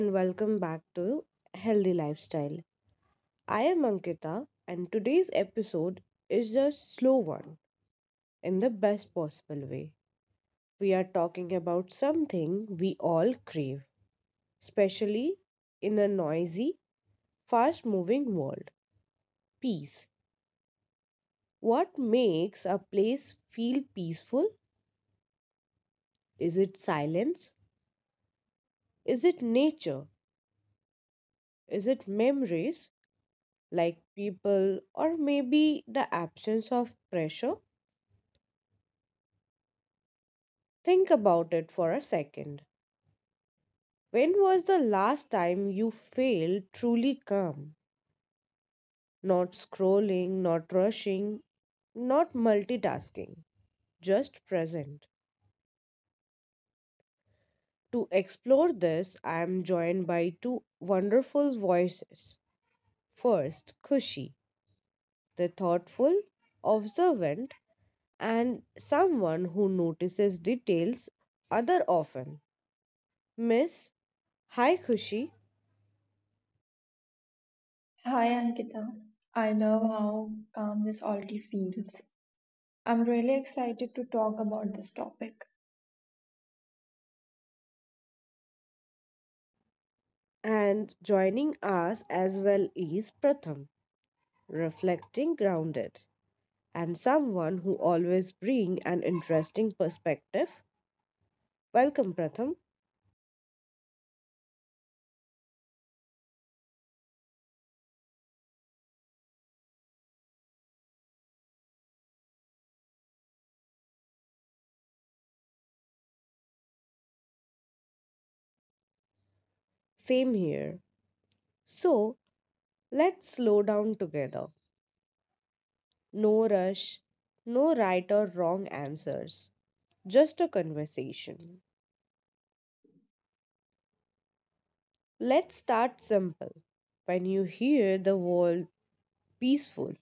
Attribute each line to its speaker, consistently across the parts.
Speaker 1: and welcome back to Healthy Lifestyle. I am Ankita, and today's episode is a slow one in the best possible way. We are talking about something we all crave, especially in a noisy, fast moving world peace. What makes a place feel peaceful? Is it silence? Is it nature? Is it memories like people, or maybe the absence of pressure? Think about it for a second. When was the last time you felt truly calm? Not scrolling, not rushing, not multitasking, just present. To explore this, I am joined by two wonderful voices. First, Kushi, the thoughtful, observant, and someone who notices details other often. Miss, hi Kushi.
Speaker 2: Hi Ankita, I love how calm this already feels. I'm really excited to talk about this topic.
Speaker 1: And joining us as well is Pratham, reflecting grounded and someone who always bring an interesting perspective. Welcome Pratham, same here. So, let's slow down together. No rush, no right or wrong answers, just a conversation. Let's start simple. When you hear the word peaceful,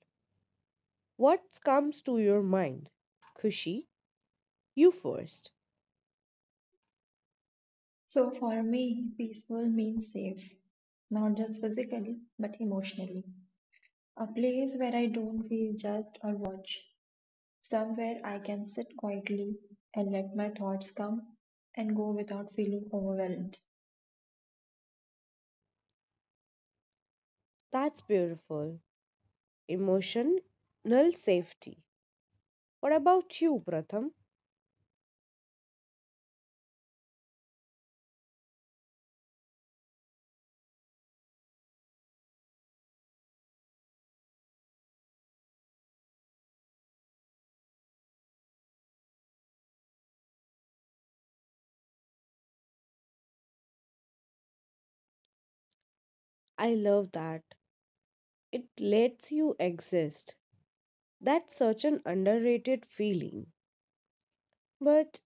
Speaker 1: what comes to your mind? Kushi, you first.
Speaker 2: So, for me, peaceful means safe, not just physically, but emotionally. A place where I don't feel judged or watched, somewhere I can sit quietly and let my thoughts come and go without feeling overwhelmed.
Speaker 1: That's beautiful. Emotional safety. What about you, Pratham? I love that. It lets you exist. That's such an underrated feeling. But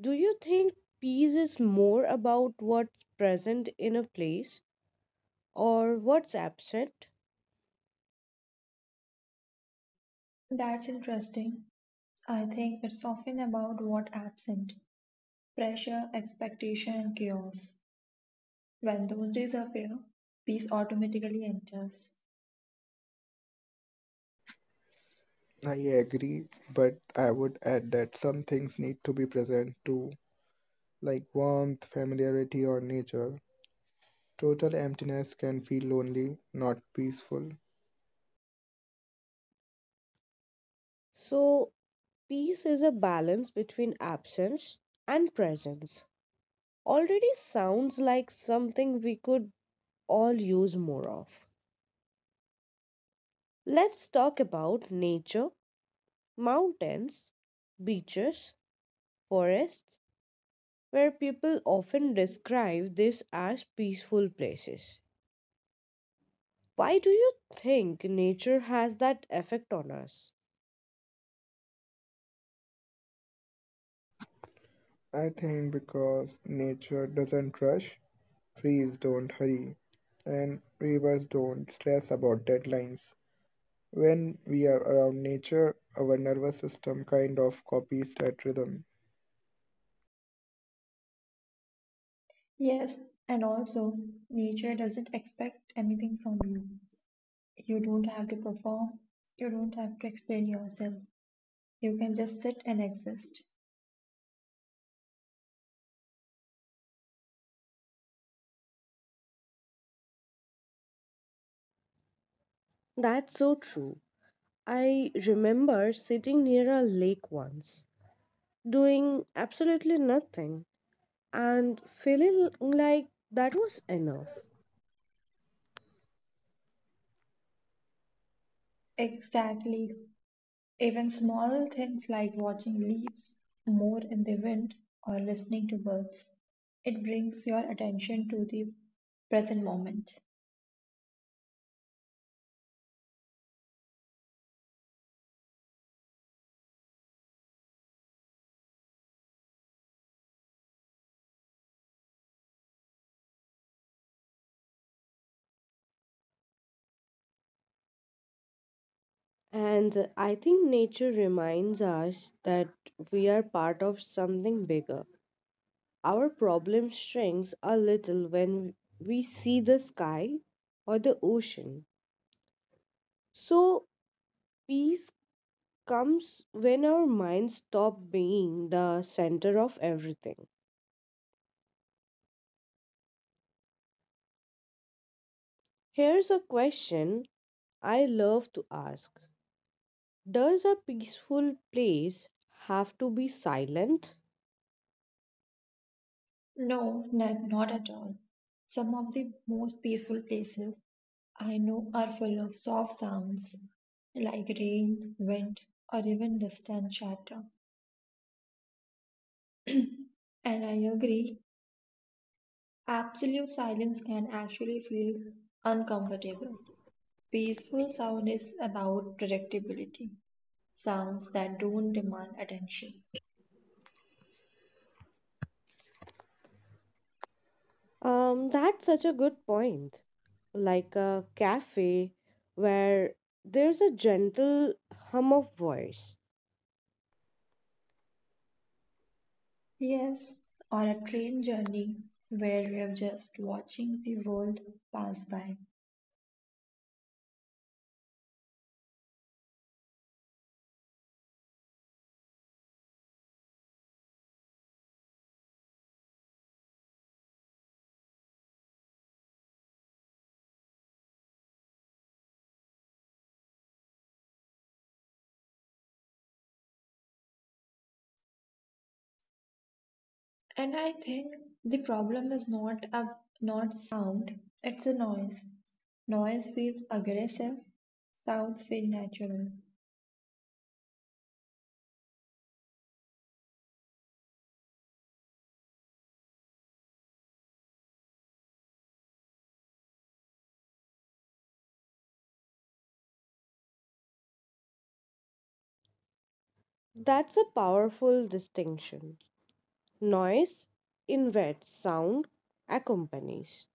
Speaker 1: do you think peace is more about what's present in a place or what's absent?
Speaker 2: That's interesting. I think it's often about what absent pressure, expectation, and chaos. When those days appear, peace automatically enters.
Speaker 3: I agree, but I would add that some things need to be present too, like warmth, familiarity, or nature. Total emptiness can feel lonely, not peaceful.
Speaker 1: So, peace is a balance between absence and presence. Already sounds like something we could all use more of. Let's talk about nature mountains, beaches, forests, where people often describe this as peaceful places. Why do you think nature has that effect on us?
Speaker 3: I think because nature doesn't rush, trees don't hurry, and rivers don't stress about deadlines. When we are around nature, our nervous system kind of copies that rhythm.
Speaker 2: Yes, and also, nature doesn't expect anything from you. You don't have to perform, you don't have to explain yourself. You can just sit and exist.
Speaker 1: That's so true. I remember sitting near a lake once, doing absolutely nothing, and feeling like that was enough.
Speaker 2: Exactly. Even small things like watching leaves more in the wind or listening to birds. It brings your attention to the present moment.
Speaker 1: And I think nature reminds us that we are part of something bigger. Our problem shrinks a little when we see the sky or the ocean. So, peace comes when our minds stop being the center of everything. Here's a question I love to ask. Does a peaceful place have to be silent?
Speaker 2: No, not at all. Some of the most peaceful places I know are full of soft sounds like rain, wind, or even distant chatter. And I agree, absolute silence can actually feel uncomfortable. Peaceful sound is about predictability, sounds that don't demand attention.
Speaker 1: That's such a good point. Like a cafe where there's a gentle hum of voice.
Speaker 2: Yes, or a train journey where we are just watching the world pass by. And I think the problem is not sound, it's a noise. Noise feels aggressive, sounds feel natural.
Speaker 1: That's a powerful distinction. Noise invades, sound accompanies.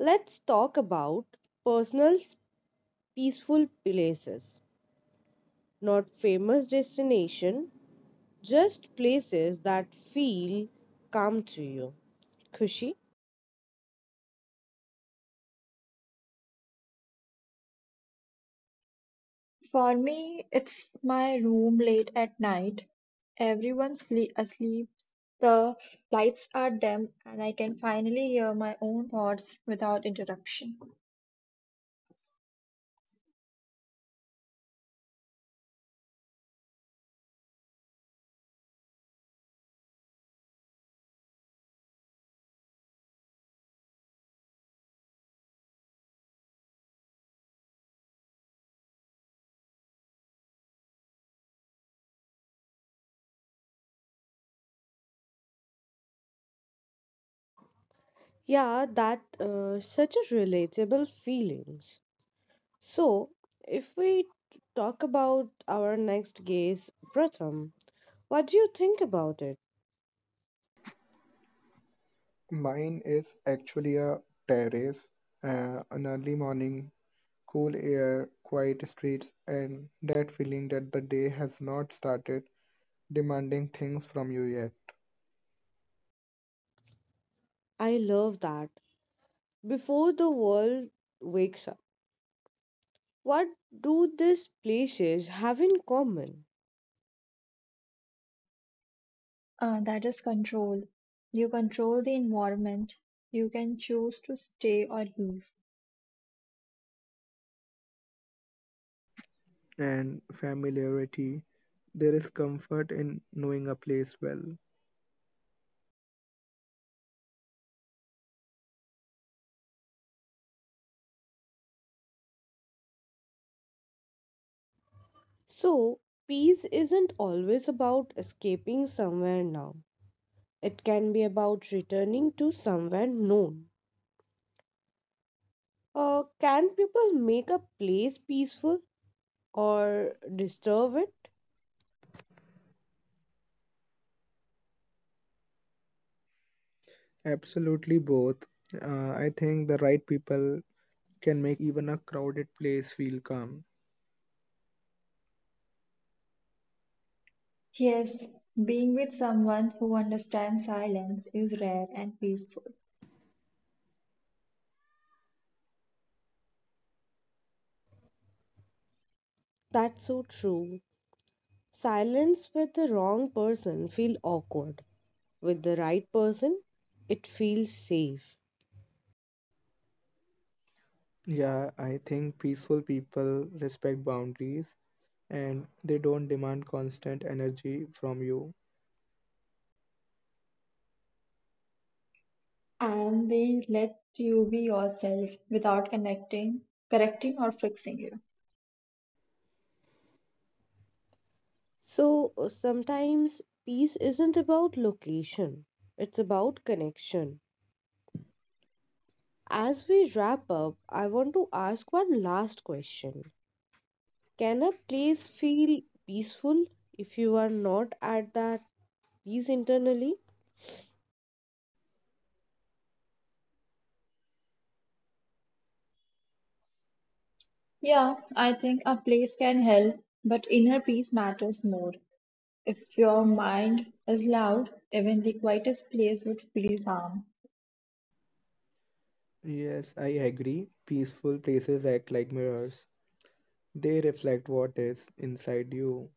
Speaker 1: Let's talk about personal, peaceful places. Not famous destination, just places that feel calm to you. Kushi?
Speaker 2: For me, it's my room late at night. Asleep. The lights are dim, and I can finally hear my own thoughts without interruption.
Speaker 1: Yeah, that such a relatable feelings. So, if we talk about our next guest, Pratham, what do you think about it?
Speaker 3: Mine is actually a terrace, an early morning, cool air, quiet streets, and that feeling that the day has not started demanding things from you yet.
Speaker 1: I love that. Before the world wakes up. What do these places have in common?
Speaker 2: That is control. You control the environment. You can choose to stay or leave.
Speaker 3: And familiarity, there is comfort in knowing a place well.
Speaker 1: So, peace isn't always about escaping somewhere now, it can be about returning to somewhere known. Can people make a place peaceful or disturb it?
Speaker 3: Absolutely both. I think the right people can make even a crowded place feel calm.
Speaker 2: Yes, being with someone who understands silence is rare and peaceful,
Speaker 1: That's so true. Silence with the wrong person feels awkward. With the right person, it feels safe.
Speaker 3: Yeah, I think peaceful people respect boundaries and they don't demand constant energy from you.
Speaker 2: and they let you be yourself without connecting, correcting, or fixing you.
Speaker 1: So sometimes peace isn't about location, it's about connection. As we wrap up, I want to ask one last question. Can a place feel peaceful if you are not at that peace internally?
Speaker 2: Yeah, I think a place can help, but inner peace matters more. If your mind is loud, even the quietest place would feel calm.
Speaker 3: Yes, I agree. Peaceful places act like mirrors. They reflect what is inside you.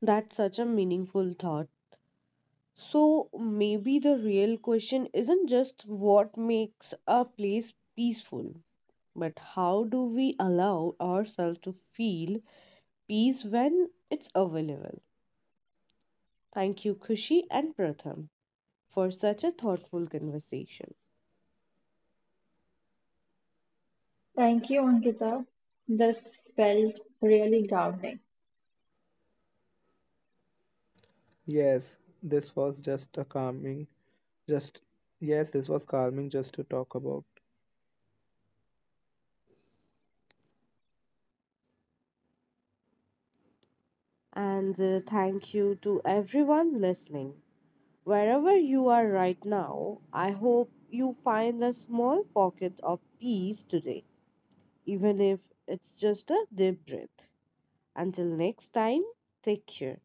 Speaker 1: That's such a meaningful thought. So maybe the real question isn't just what makes a place peaceful, but how do we allow ourselves to feel peace when it's available? Thank you, Kushi and Pratham, for such a thoughtful conversation.
Speaker 2: Thank you, Ankita. This felt really grounding.
Speaker 3: Yes, this was just a calming, just, yes, this was calming just to talk about.
Speaker 1: And thank you to everyone listening. Wherever you are right now, I hope you find a small pocket of peace today, even if it's just a deep breath. Until next time, take care.